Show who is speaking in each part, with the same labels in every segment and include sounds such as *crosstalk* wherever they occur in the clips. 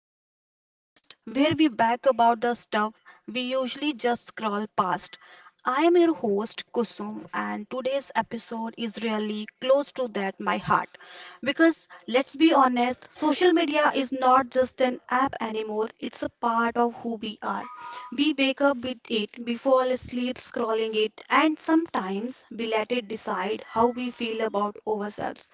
Speaker 1: to the podcast where we back about the stuff we usually just scroll past. I am your host Kusum and today's episode is really close to that my heart because let's be honest, social media is not just an app anymore, it's a part of who we are. We wake up with it, we fall asleep scrolling it and sometimes we let it decide how we feel about ourselves.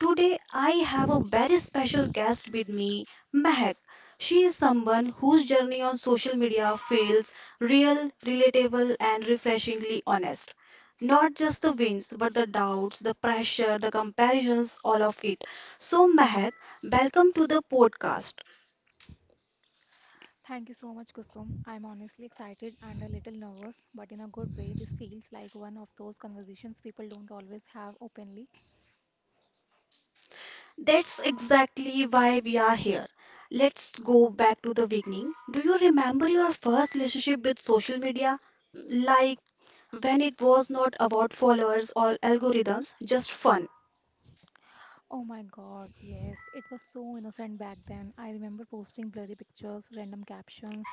Speaker 1: Today, I have a very special guest with me, Mehak. She is someone whose journey on social media feels real, relatable, and refreshingly honest. Not just the wins, but the doubts, the pressure, the comparisons, all of it. So, Mehak, welcome to the podcast.
Speaker 2: Thank you so much, Kusum. I'm honestly excited and a little nervous, but in a good way, this feels like one of those conversations people don't always have openly.
Speaker 1: That's exactly why we are here. Let's go back to the beginning. Do you remember your first relationship with social media? Like when it was not about followers or algorithms, just fun.
Speaker 2: Oh my god, yes, it was so innocent back then. I remember posting blurry pictures, random captions,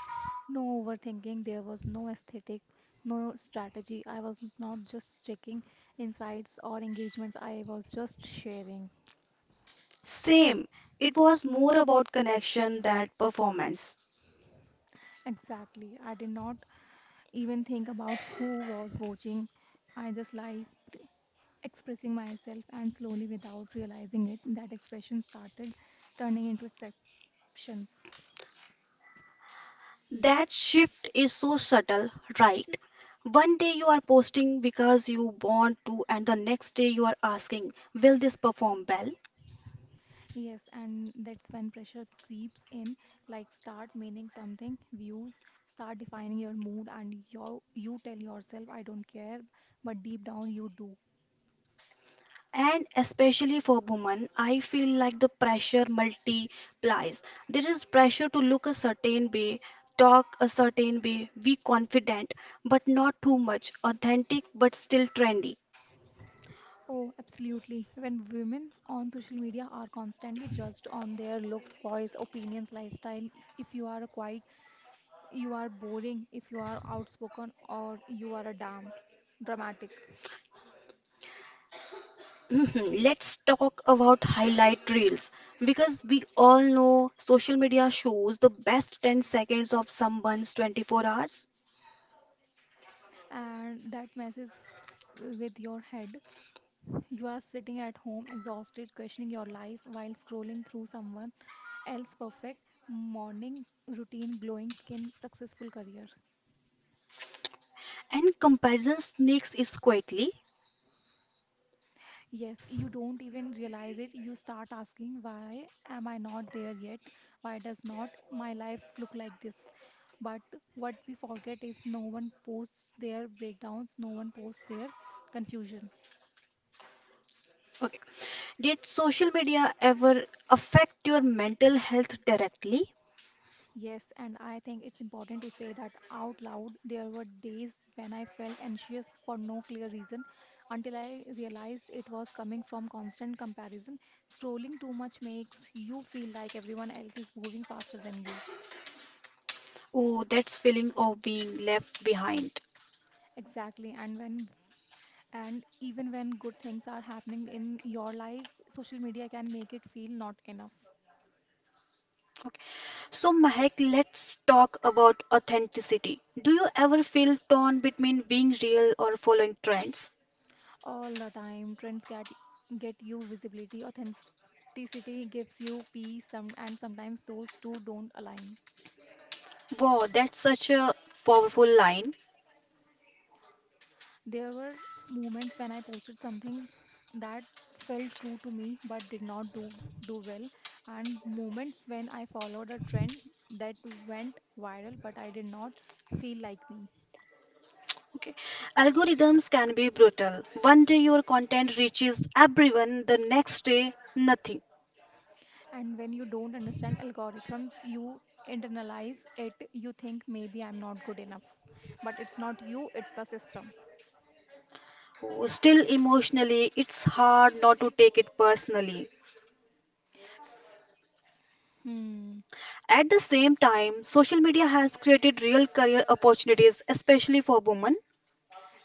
Speaker 2: no overthinking, there was no aesthetic, no strategy. I was not just checking insights or engagements, I was just sharing.
Speaker 1: Same. It was more about connection than performance.
Speaker 2: Exactly, I did not even think about who was watching. I just like expressing myself, and slowly, without realizing it, that expression started turning into exceptions.
Speaker 1: That shift is so subtle, right? One day you are posting because you want to, and the next day you are asking, will this perform well?
Speaker 2: Yes, and that's when pressure creeps in, like start meaning something, views, start defining your mood, and you tell yourself, I don't care, but deep down you do.
Speaker 1: And especially for women, I feel like the pressure multiplies. There is pressure to look a certain way, talk a certain way, be confident, but not too much, authentic but still trendy.
Speaker 2: Oh, absolutely. When women on social media are constantly judged on their looks, voice, opinions, lifestyle, if you are quiet, you are boring, if you are outspoken, or you are a damn dramatic.
Speaker 1: *laughs* *clears throat* Let's talk about highlight reels because we all know social media shows the best 10 seconds of someone's 24 hours
Speaker 2: And that messes with your head. You are sitting at home exhausted, questioning your life while scrolling through someone else's perfect morning routine, glowing skin, successful career.
Speaker 1: and comparison sneaks is quietly.
Speaker 2: Yes, you don't even realize it. You start asking, why am I not there yet? Why does not my life look like this? But what we forget is no one posts their breakdowns, no one posts their confusion.
Speaker 1: Okay. Did social media ever affect your mental health directly?
Speaker 2: Yes, and I think it's important to say that out loud. There were days when I felt anxious for no clear reason until I realized it was coming from constant comparison. Scrolling too much makes you feel like everyone else is moving faster than you.
Speaker 1: Oh, that's feeling of being left behind.
Speaker 2: Exactly. And even when good things are happening in your life, social media can make it feel not enough.
Speaker 1: Okay. So, Mahek, let's talk about authenticity. Do you ever feel torn between being real or following trends?
Speaker 2: All the time. Trends get you visibility, authenticity gives you peace, some, and sometimes those two don't align.
Speaker 1: Wow, that's such a powerful line.
Speaker 2: There were moments when I posted something that felt true to me but did not do well, and moments when I followed a trend that went viral but I did not feel like me.
Speaker 1: Okay. Algorithms can be brutal. One day your content reaches everyone, the next day, nothing.
Speaker 2: And when you don't understand algorithms, you internalize it. You think maybe I'm not good enough, but it's not you, it's the system.
Speaker 1: Oh, still emotionally, it's hard not to take it personally.
Speaker 2: Hmm.
Speaker 1: At the same time, social media has created real career opportunities, especially for women.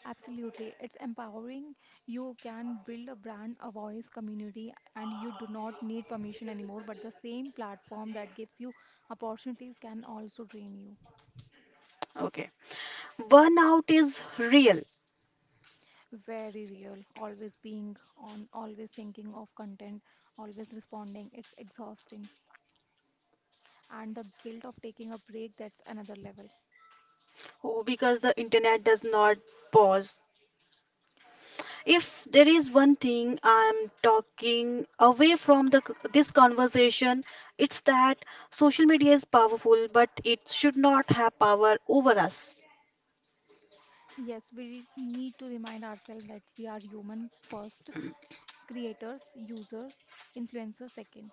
Speaker 2: Absolutely. It's empowering. You can build a brand, a voice, community, and you do not need permission anymore. But the same platform that gives you opportunities can also drain you.
Speaker 1: Okay. Burnout is real.
Speaker 2: Very real. Always being on, always thinking of content, always responding. It's exhausting. And the guilt of taking a break, that's another level.
Speaker 1: Oh, because the internet does not pause. If there is one thing I'm talking away from this conversation, it's that social media is powerful, but it should not have power over us.
Speaker 2: Yes, we need to remind ourselves that we are human first, creators, users, influencers second.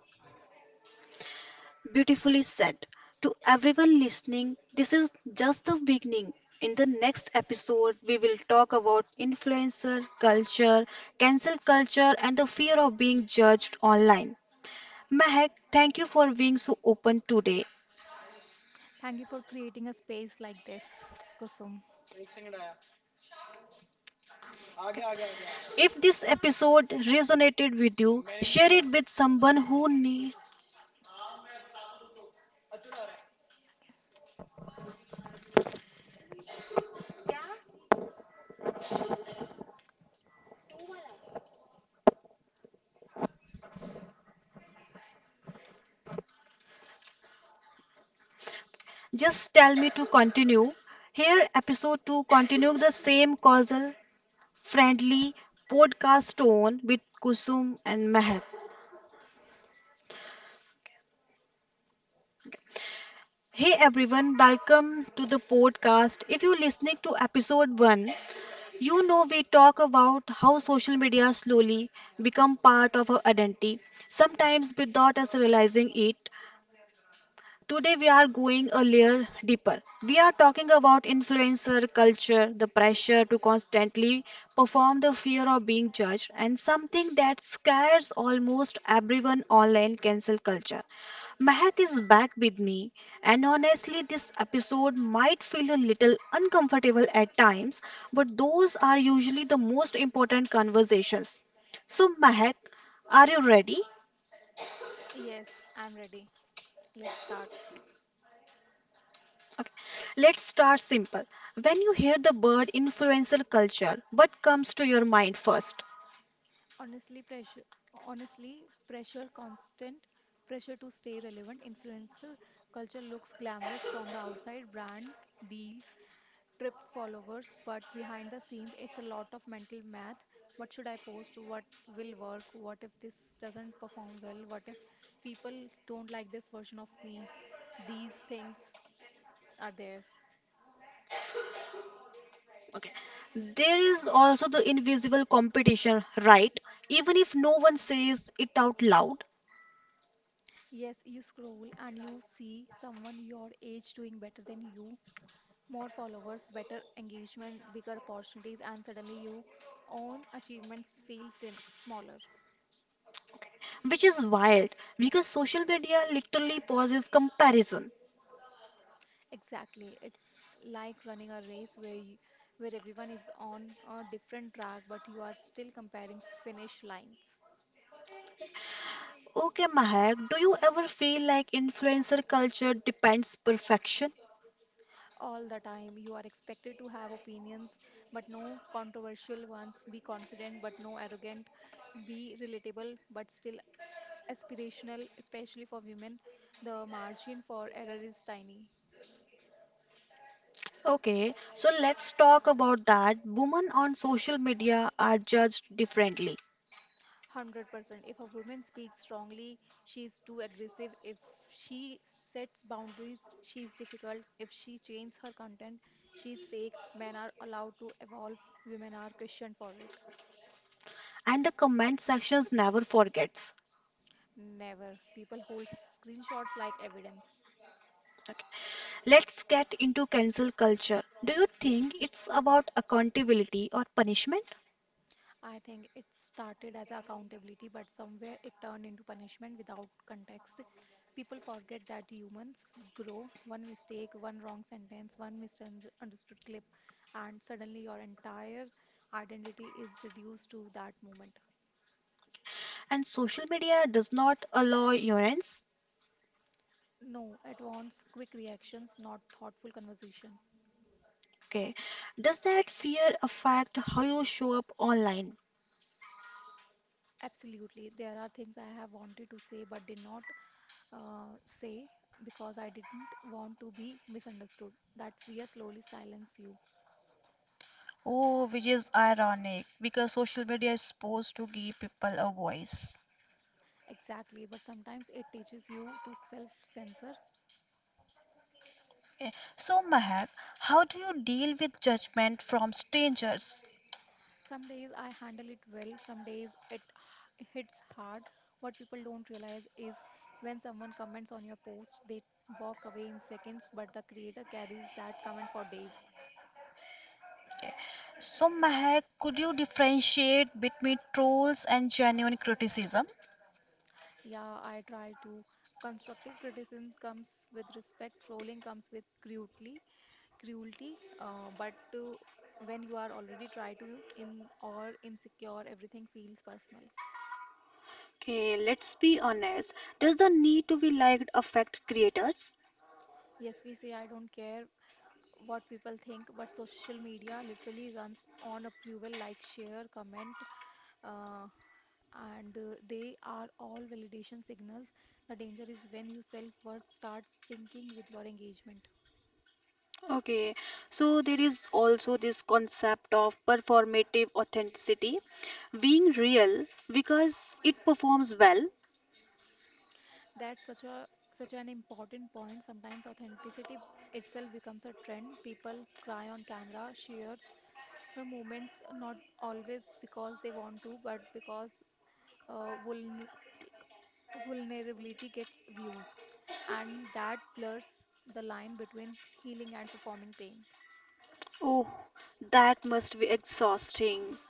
Speaker 1: Beautifully said. To everyone listening, this is just the beginning. In the next episode, we will talk about influencer culture, cancel culture, and the fear of being judged online. Mahek, thank you for being so open today.
Speaker 2: Thank you for creating a space like this, Kusum.
Speaker 1: If this episode resonated with you, share it with someone who needs. Just tell me to continue. Here, episode 2 continue the same causal friendly podcast tone with Kusum and Mehak. Hey everyone, welcome to the podcast. If you're listening to episode 1, you know we talk about how social media slowly become part of our identity, sometimes without us realizing it. Today we are going a layer deeper. We are talking about influencer culture, the pressure to constantly perform, the fear of being judged, and something that scares almost everyone online cancel culture. Mahak is back with me, and honestly, this episode might feel a little uncomfortable at times, but those are usually the most important conversations. So, Mahak, are you ready?
Speaker 2: Yes, I'm ready. Let's start.
Speaker 1: Okay. Let's start simple. When you hear the word influencer culture, what comes to your mind first?
Speaker 2: Honestly, pressure. Honestly, pressure, constant pressure to stay relevant. Influencer culture looks glamorous from the outside, brand deals, trip followers, but behind the scenes, it's a lot of mental math. What should I post? What will work? What if this doesn't perform well? What if people don't like this version of me? These things are there.
Speaker 1: Okay. There is also the invisible competition, right? Even if no one says it out loud,
Speaker 2: Yes, you scroll and you see someone your age doing better than you, more followers, better engagement, bigger opportunities, and suddenly your own achievements feel sim- smaller.
Speaker 1: which is wild because social media literally pauses comparison.
Speaker 2: Exactly. It's like running a race where everyone is on a different track, but you are still comparing finish lines.
Speaker 1: Okay, Mahak, do you ever feel like influencer culture depends perfection?
Speaker 2: All the time, you are expected to have opinions, but no controversial ones. Be confident, but no arrogant. Be relatable, but still aspirational, especially for women, the margin for error is tiny.
Speaker 1: Okay, so let's talk about that. Women on social media are judged differently.
Speaker 2: 100%. If a woman speaks strongly, she is too aggressive. If she sets boundaries, she is difficult. If she changes her content, she is fake. Men are allowed to evolve, women are questioned for it.
Speaker 1: And the comment sections never forgets.
Speaker 2: Never. People hold screenshots like evidence.
Speaker 1: Let's get into cancel culture. Do you think it's about accountability or punishment?
Speaker 2: I think it started as accountability, but somewhere it turned into punishment without context. People forget that humans grow one mistake, one wrong sentence, one misunderstood clip, and suddenly your entire identity is reduced to that moment.
Speaker 1: And social media does not allow ignorance.
Speaker 2: No, it wants quick reactions, not thoughtful conversation.
Speaker 1: Okay. Does that fear affect how you show up online?
Speaker 2: Absolutely. There are things I have wanted to say but did not say because I didn't want to be misunderstood. That fear slowly silences you.
Speaker 1: Oh, which is ironic because social media is supposed to give people a voice.
Speaker 2: Exactly, but sometimes it teaches you to self-censor.
Speaker 1: Okay. So, Mahak, how do you deal with judgment from strangers?
Speaker 2: Some days I handle it well, some days it hits hard. What people don't realize is when someone comments on your post, they walk away in seconds, but the creator carries that comment for days.
Speaker 1: Okay. So, Mahak, could you differentiate between trolls and genuine criticism?
Speaker 2: Yeah, I try to. Constructive criticism comes with respect, trolling comes with cruelty, cruelty, uh, but to, when you are already try to in or insecure, everything feels personal.
Speaker 1: Okay, let's be honest. Does the need to be liked affect creators?
Speaker 2: Yes, we say I don't care, what people think, but social media literally runs on approval, like share, comment, uh, and they are all validation signals. The danger is when your self-worth starts syncing with your engagement.
Speaker 1: Okay, so there is also this concept of performative authenticity being real because it performs well.
Speaker 2: That's such an important point. Sometimes authenticity itself becomes a trend. People cry on camera, share the moments, not always because they want to, but because uh, vulnerability vulnerability gets views, and that blurs the line between healing and performing pain.
Speaker 1: Oh, that must be exhausting.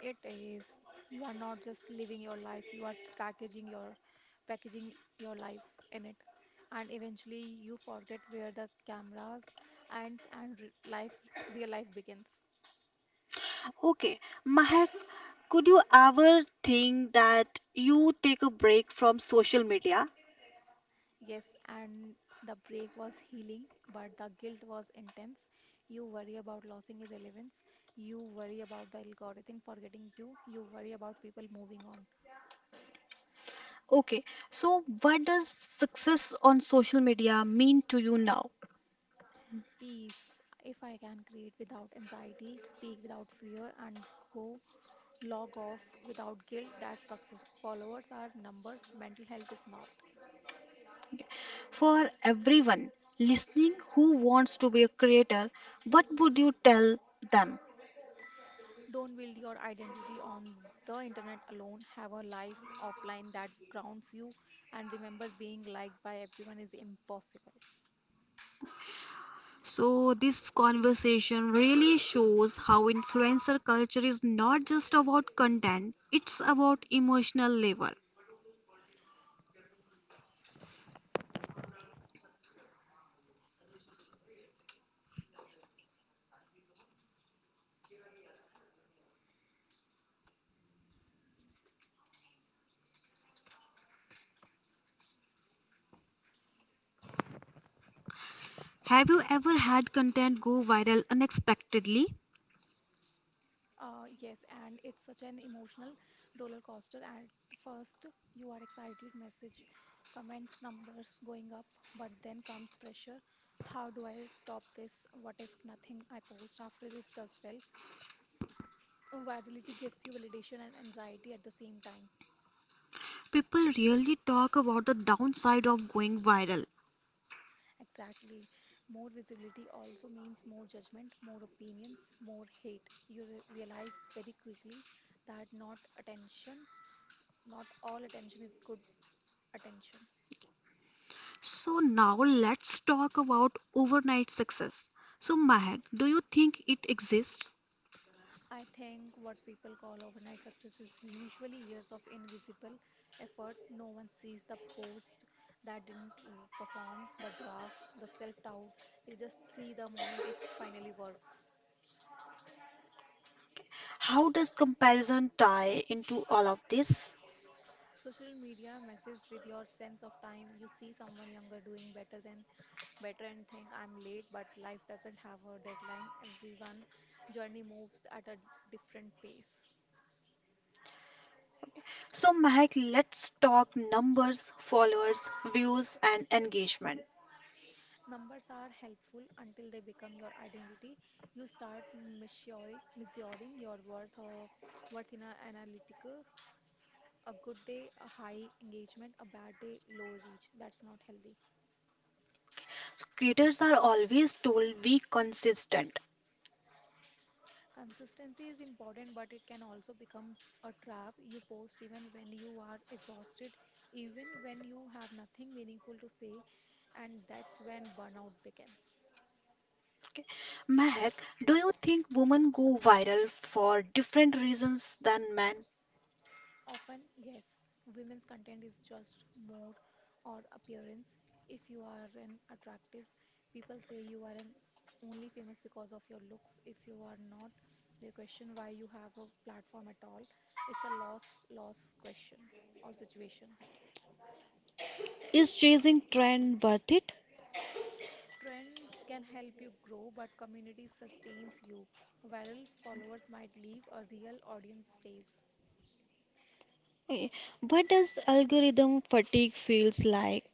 Speaker 2: It is. You are not just living your life, you are packaging your life in it. And eventually you forget where the cameras ends and re- life real life begins.
Speaker 1: Okay, Mahak, could you ever think that you take a break from social media?
Speaker 2: Yes, and the break was healing, but the guilt was intense. You worry about losing relevance. You worry about the algorithm forgetting you. You worry about people moving on.
Speaker 1: Okay, so what does success on social media mean to you now?
Speaker 2: Peace. If I can create without anxiety, speak without fear, and go log off without guilt, that's success. Followers are numbers, mental health is not.
Speaker 1: For everyone listening who wants to be a creator, what would you tell them?
Speaker 2: Don't build your identity on the internet alone. Have a life offline that grounds you. And remember, being liked by everyone is impossible.
Speaker 1: So, this conversation really shows how influencer culture is not just about content, it's about emotional labor. Have you ever had content go viral unexpectedly?
Speaker 2: Yes, and it's such an emotional roller coaster. At first, you are excited, message, comments, numbers going up, but then comes pressure. How do I stop this? What if nothing I post after this does well? Virality gives you validation and anxiety at the same time.
Speaker 1: People really talk about the downside of going viral.
Speaker 2: Exactly. More visibility also means more judgment, more opinions, more hate. You realize very quickly that not all attention is good attention.
Speaker 1: So now let's talk about overnight success. So Mahak, do you think it exists?
Speaker 2: I think what people call overnight success is usually years of invisible effort. No one sees the post that didn't perform, the drafts, the self doubt. They just see the moment it finally works.
Speaker 1: How does comparison tie into all of this?
Speaker 2: Social media messes with your sense of time. You see someone younger doing better than better and think I'm late, but life doesn't have a deadline. Everyone journey moves at a different pace.
Speaker 1: So Mahak, let's talk numbers, followers, views and engagement.
Speaker 2: Numbers are helpful until they become your identity. You start measuring your worth, worth in an analytical. A good day, a high engagement, a bad day, low reach. That's not healthy.
Speaker 1: So creators are always told be consistent.
Speaker 2: Consistency is important, but it can also become a trap. You post even when you are exhausted, even when you have nothing meaningful to say, and that's when burnout begins.
Speaker 1: Okay. Mahak, do you think women go viral for different reasons than men?
Speaker 2: Often, yes, women's content is just more or appearance. If you are an attractive, people say you are an only famous because of your looks. If you are not, they question why you have a platform at all. It's a loss question or situation.
Speaker 1: Is chasing trend worth it?
Speaker 2: Trends can help you grow, but community sustains you. Viral followers might leave, a real audience stays.
Speaker 1: Okay, what does algorithm fatigue feels like?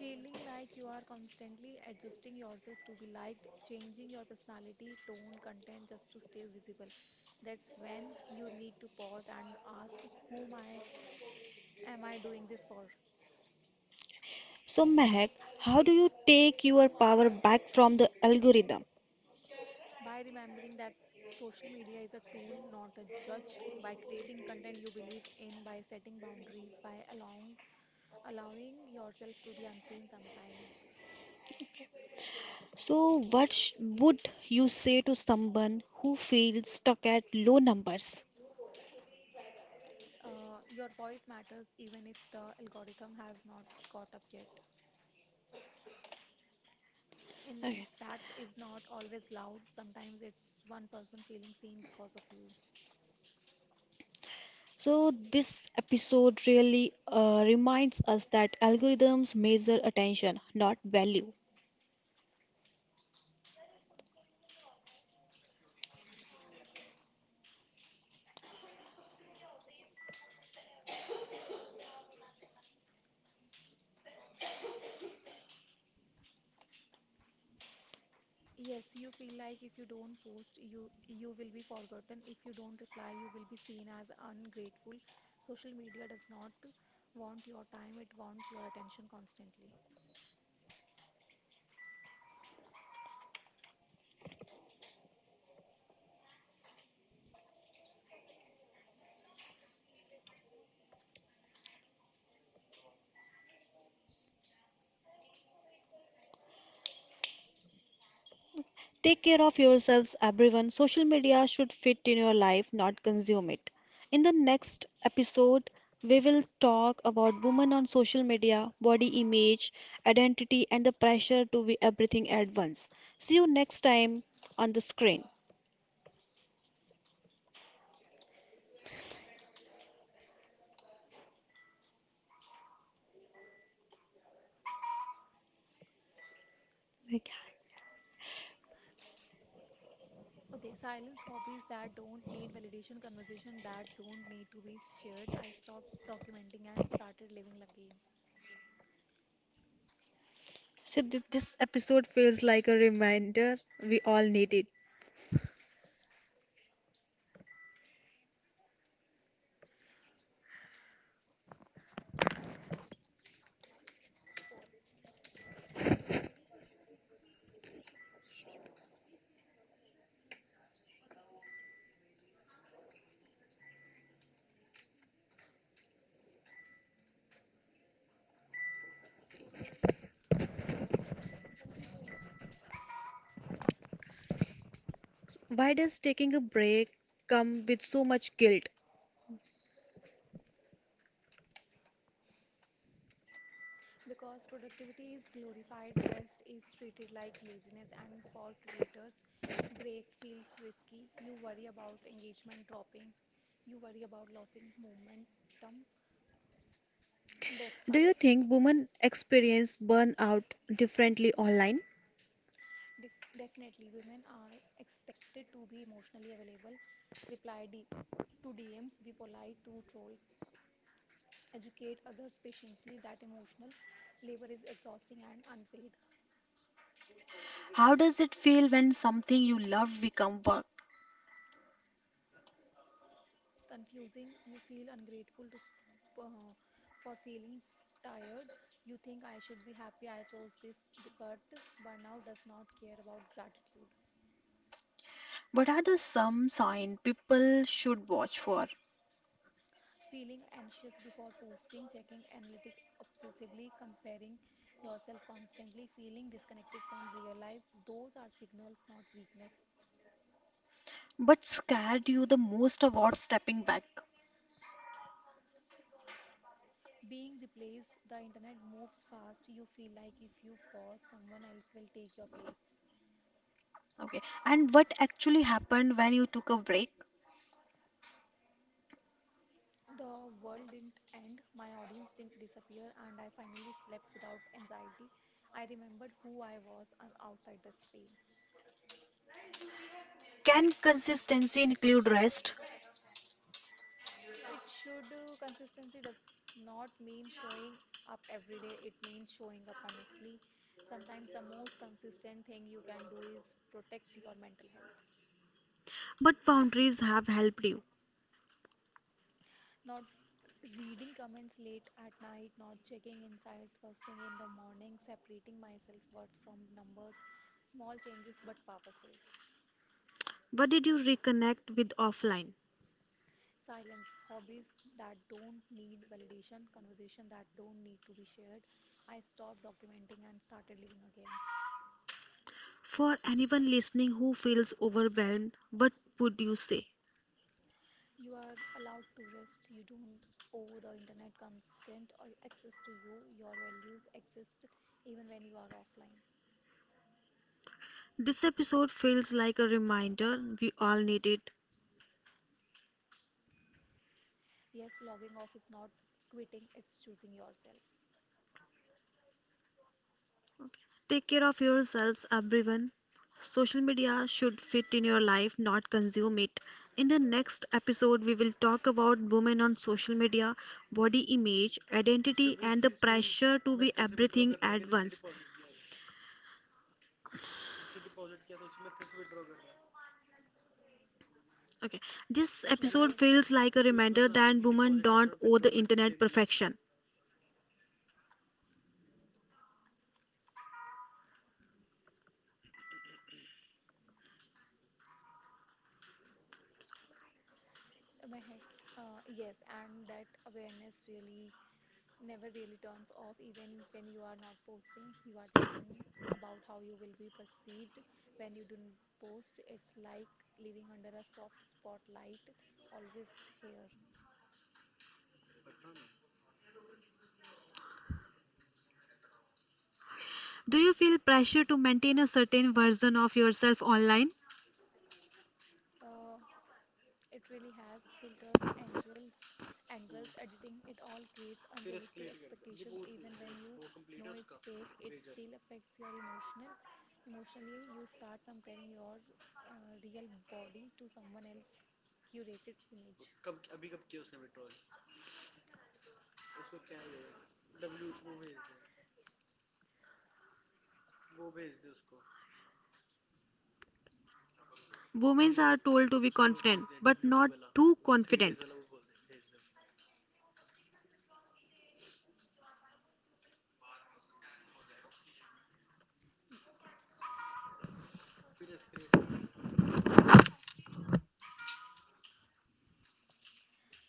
Speaker 2: Feeling like you are constantly adjusting yourself to be liked, changing your personality, tone, content just to stay visible. That's when you need to pause and ask whom I am I doing this for?
Speaker 1: So, Mehak, how do you take your power back from the algorithm?
Speaker 2: By remembering that social media is a tool, not a judge, by creating content you believe in, by setting boundaries, by allowing yourself to be unseen sometimes.
Speaker 1: So, would you say to someone who feels stuck at low numbers?
Speaker 2: Your voice matters even if the algorithm has not caught up yet.
Speaker 1: Okay.
Speaker 2: Impact is not always loud, sometimes it's one person feeling seen because of you.
Speaker 1: So, this episode really reminds us that algorithms measure attention, not value.
Speaker 2: Yes, you feel like if you don't post, you will be forgotten. If you don't reply, you will be seen as ungrateful. Social media does not want your time, it wants your attention constantly.
Speaker 1: Take care of yourselves, everyone. Social media should fit in your life, not consume it. In the next episode, we will talk about women on social media, body image, identity, and the pressure to be everything at once. See you next time on the screen. Like,
Speaker 2: Okay, silence hobbies that don't need validation, conversation that don't need to be shared. I stopped documenting and started living again.
Speaker 1: so, this episode feels like a reminder we all need it. Why does taking a break come with so much guilt?
Speaker 2: Because productivity is glorified, rest is treated like laziness, and for creators, breaks feels risky. You worry about engagement dropping, you worry about losing momentum. That's why.
Speaker 1: Do you think women experience burnout differently online?
Speaker 2: Definitely, women are expected to be emotionally available, reply to DMs, be polite to trolls, educate others patiently that emotional labor is exhausting and unpaid.
Speaker 1: How does it feel when something you love become work?
Speaker 2: Confusing. You feel ungrateful to for feeling tired. You think I should be happy I chose this, but burnout does not care about gratitude.
Speaker 1: What are the some sign people should watch for?
Speaker 2: Feeling anxious before posting, checking analytics obsessively, comparing yourself constantly, feeling disconnected from real life, those are signals, not weakness.
Speaker 1: What scared you the most about stepping back?
Speaker 2: Being replaced. The internet moves fast. You feel like if you pause, someone else will take your place.
Speaker 1: Okay. And what actually happened when you took a break?
Speaker 2: The world didn't end, my audience didn't disappear, and I finally slept without anxiety. I remembered who I was and outside the screen.
Speaker 1: Can consistency include rest?
Speaker 2: It should Consistency does not mean showing up every day, it means showing up honestly. Sometimes the most consistent thing you can do is protect your mental health.
Speaker 1: What boundaries have helped you?
Speaker 2: Not reading comments late at night, not checking insights first thing in the morning, separating myself worth from numbers, small changes but powerful.
Speaker 1: What did you reconnect with offline?
Speaker 2: Silence, hobbies that don't need validation, conversation that don't need to be shared. I stopped documenting and started living again.
Speaker 1: For anyone listening who feels overwhelmed, what would you say?
Speaker 2: You are allowed to rest. You don't owe the internet constant access to you. Your values exist even when you are offline.
Speaker 1: This episode feels like a reminder we all need it.
Speaker 2: Yes, logging off is not quitting, it's choosing yourself.
Speaker 1: Take care of yourselves, everyone. Social media should fit in your life, not consume it. In the next episode, we will talk about women on social media, body image, identity, and the pressure to be everything at once. Okay, this episode
Speaker 2: Definitely,
Speaker 1: feels like a reminder that women don't owe the internet perfection.
Speaker 2: Mehak. Yes, and that awareness really never really turns off, even when you are not posting. You are thinking about how you will be perceived when you don't post. It's like living under a soft spotlight, always here.
Speaker 1: Do you feel pressure to maintain a certain version of yourself online?
Speaker 2: Uh, It really has filters, angles, editing. It all creates unrealistic expectations. Even when you know it's fake, it still affects your emotional. Emotionally, you start comparing your real body to someone else's curated image,
Speaker 1: Women are told to be confident, but not too confident.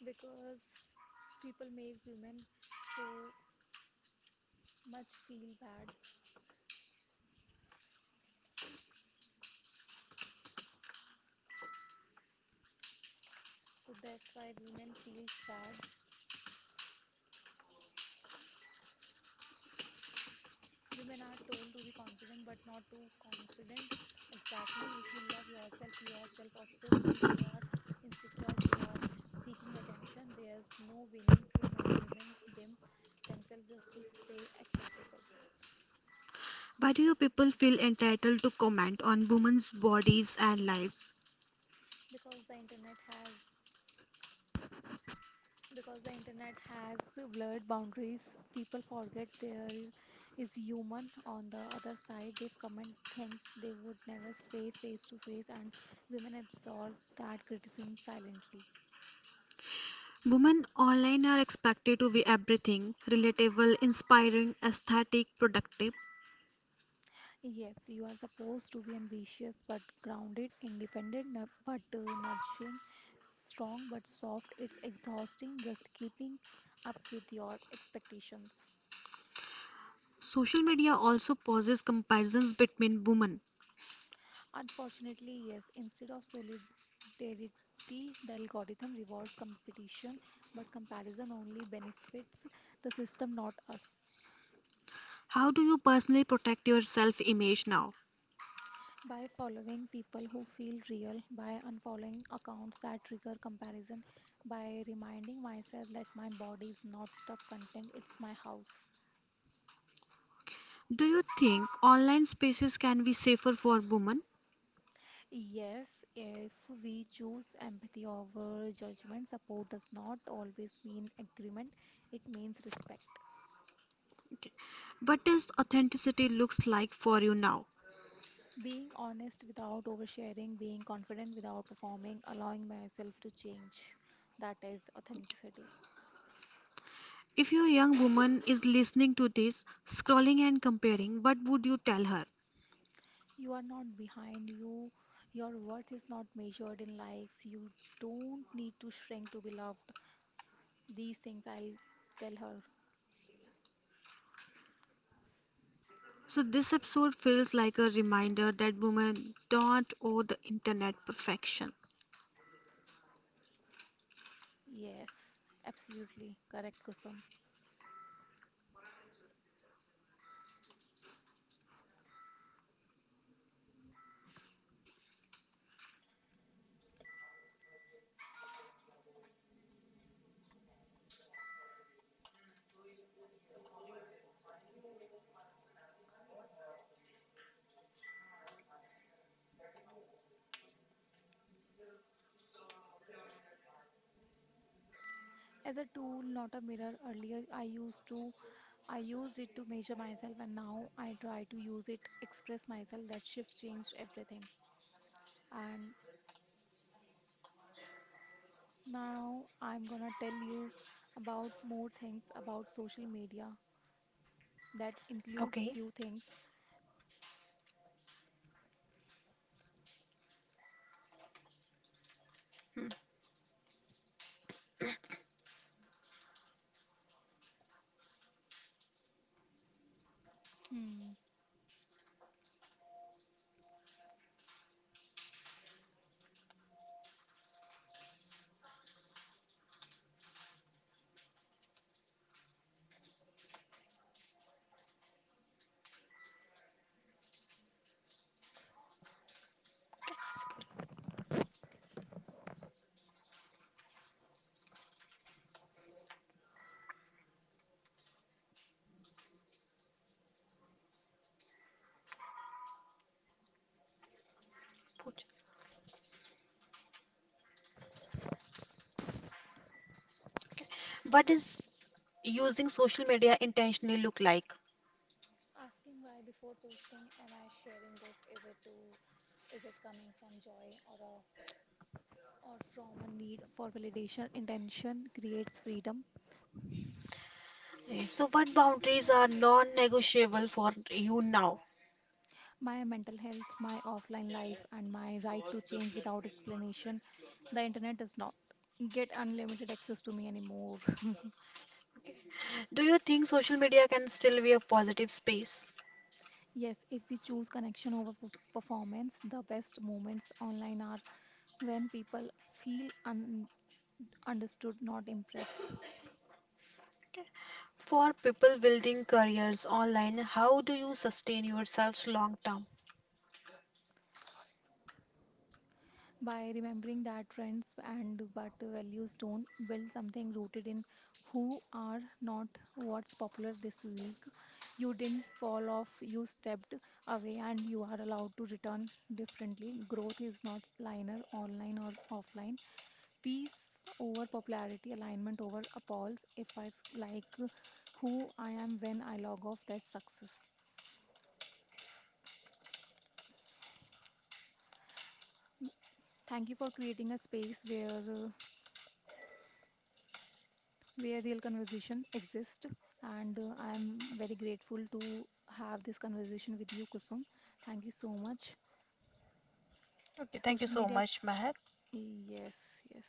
Speaker 2: because people make women so much feel bad. So that's why women feels bad. Women are told to be confident but not too confident. Exactly. If you love yourself, you are self obsessed. If you are insecure, you are seeking attention. There's no winning. So many women dim themselves just to stay acceptable.
Speaker 1: Why do you people feel entitled to comment on women's bodies and lives?
Speaker 2: Because the internet has because the internet has blurred boundaries, people forget there is human on the other side. They comment things they would never say face to face, and women absorb that criticism silently.
Speaker 1: Women online are expected to be everything relatable, inspiring, aesthetic, productive.
Speaker 2: Yes, you are supposed to be ambitious but grounded, independent but nurturing, strong but soft. It's exhausting just keeping up with your expectations.
Speaker 1: Social media also poses comparisons between women.
Speaker 2: Unfortunately, yes, instead of solidarity, the algorithm rewards competition, but comparison only benefits the system, not us.
Speaker 1: How do you personally protect your self image now?
Speaker 2: By following people who feel real, by unfollowing accounts that trigger comparison, by reminding myself that my body is not the content, it's my house.
Speaker 1: Do you think online spaces can be safer for women?
Speaker 2: Yes, if we choose empathy over judgment, support does not always mean agreement, it means respect.
Speaker 1: What does authenticity looks like for you now?
Speaker 2: Being honest without oversharing, being confident without performing, allowing myself to change. That is authenticity.
Speaker 1: If your young woman is listening to this, scrolling and comparing, what would you tell her?
Speaker 2: You are not behind you. Your worth is not measured in likes. You don't need to shrink to be loved. These things I'll tell her.
Speaker 1: So, this episode feels like a reminder that women don't owe the internet perfection.
Speaker 2: Yes, absolutely correct, Kusum. As a tool, not a mirror. Earlier, I used to, I used it to measure myself, and now I try to use it, express myself. That shift changed everything. And now I'm gonna tell you about more things about social media that includes
Speaker 1: Okay.
Speaker 2: few things.
Speaker 1: Hmm.
Speaker 2: Hmm.
Speaker 1: Suppose- पूछ। What does using social media intentionally look like?
Speaker 2: Asking why before posting, am I sharing this? Is it coming from joy or from a need for validation? Intention creates freedom.
Speaker 1: Yes. So, what boundaries are non negotiable for you now?
Speaker 2: My mental health, my offline life, and my right to change without explanation. The internet does not get unlimited access to me anymore. *laughs*
Speaker 1: Do you think social media can still be a positive space?
Speaker 2: Yes, if we choose connection over performance, the best moments online are when people feel un understood, not impressed.
Speaker 1: For people building careers online, how do you sustain yourselves long term?
Speaker 2: By remembering that trends and what values don't build something rooted in who are not what's popular this week. You didn't fall off, you stepped away and you are allowed to return differently. Growth is not linear online or offline. Peace over popularity, alignment over appalls. If i f- like who I am when I log off, that's success. Thank you for creating a space where real conversation exists. And I'm very grateful to have this conversation with you, Kusum. Thank you so much.
Speaker 1: Okay, thank you
Speaker 2: Social
Speaker 1: so
Speaker 2: media,
Speaker 1: much, Mahak.
Speaker 2: yes, yes.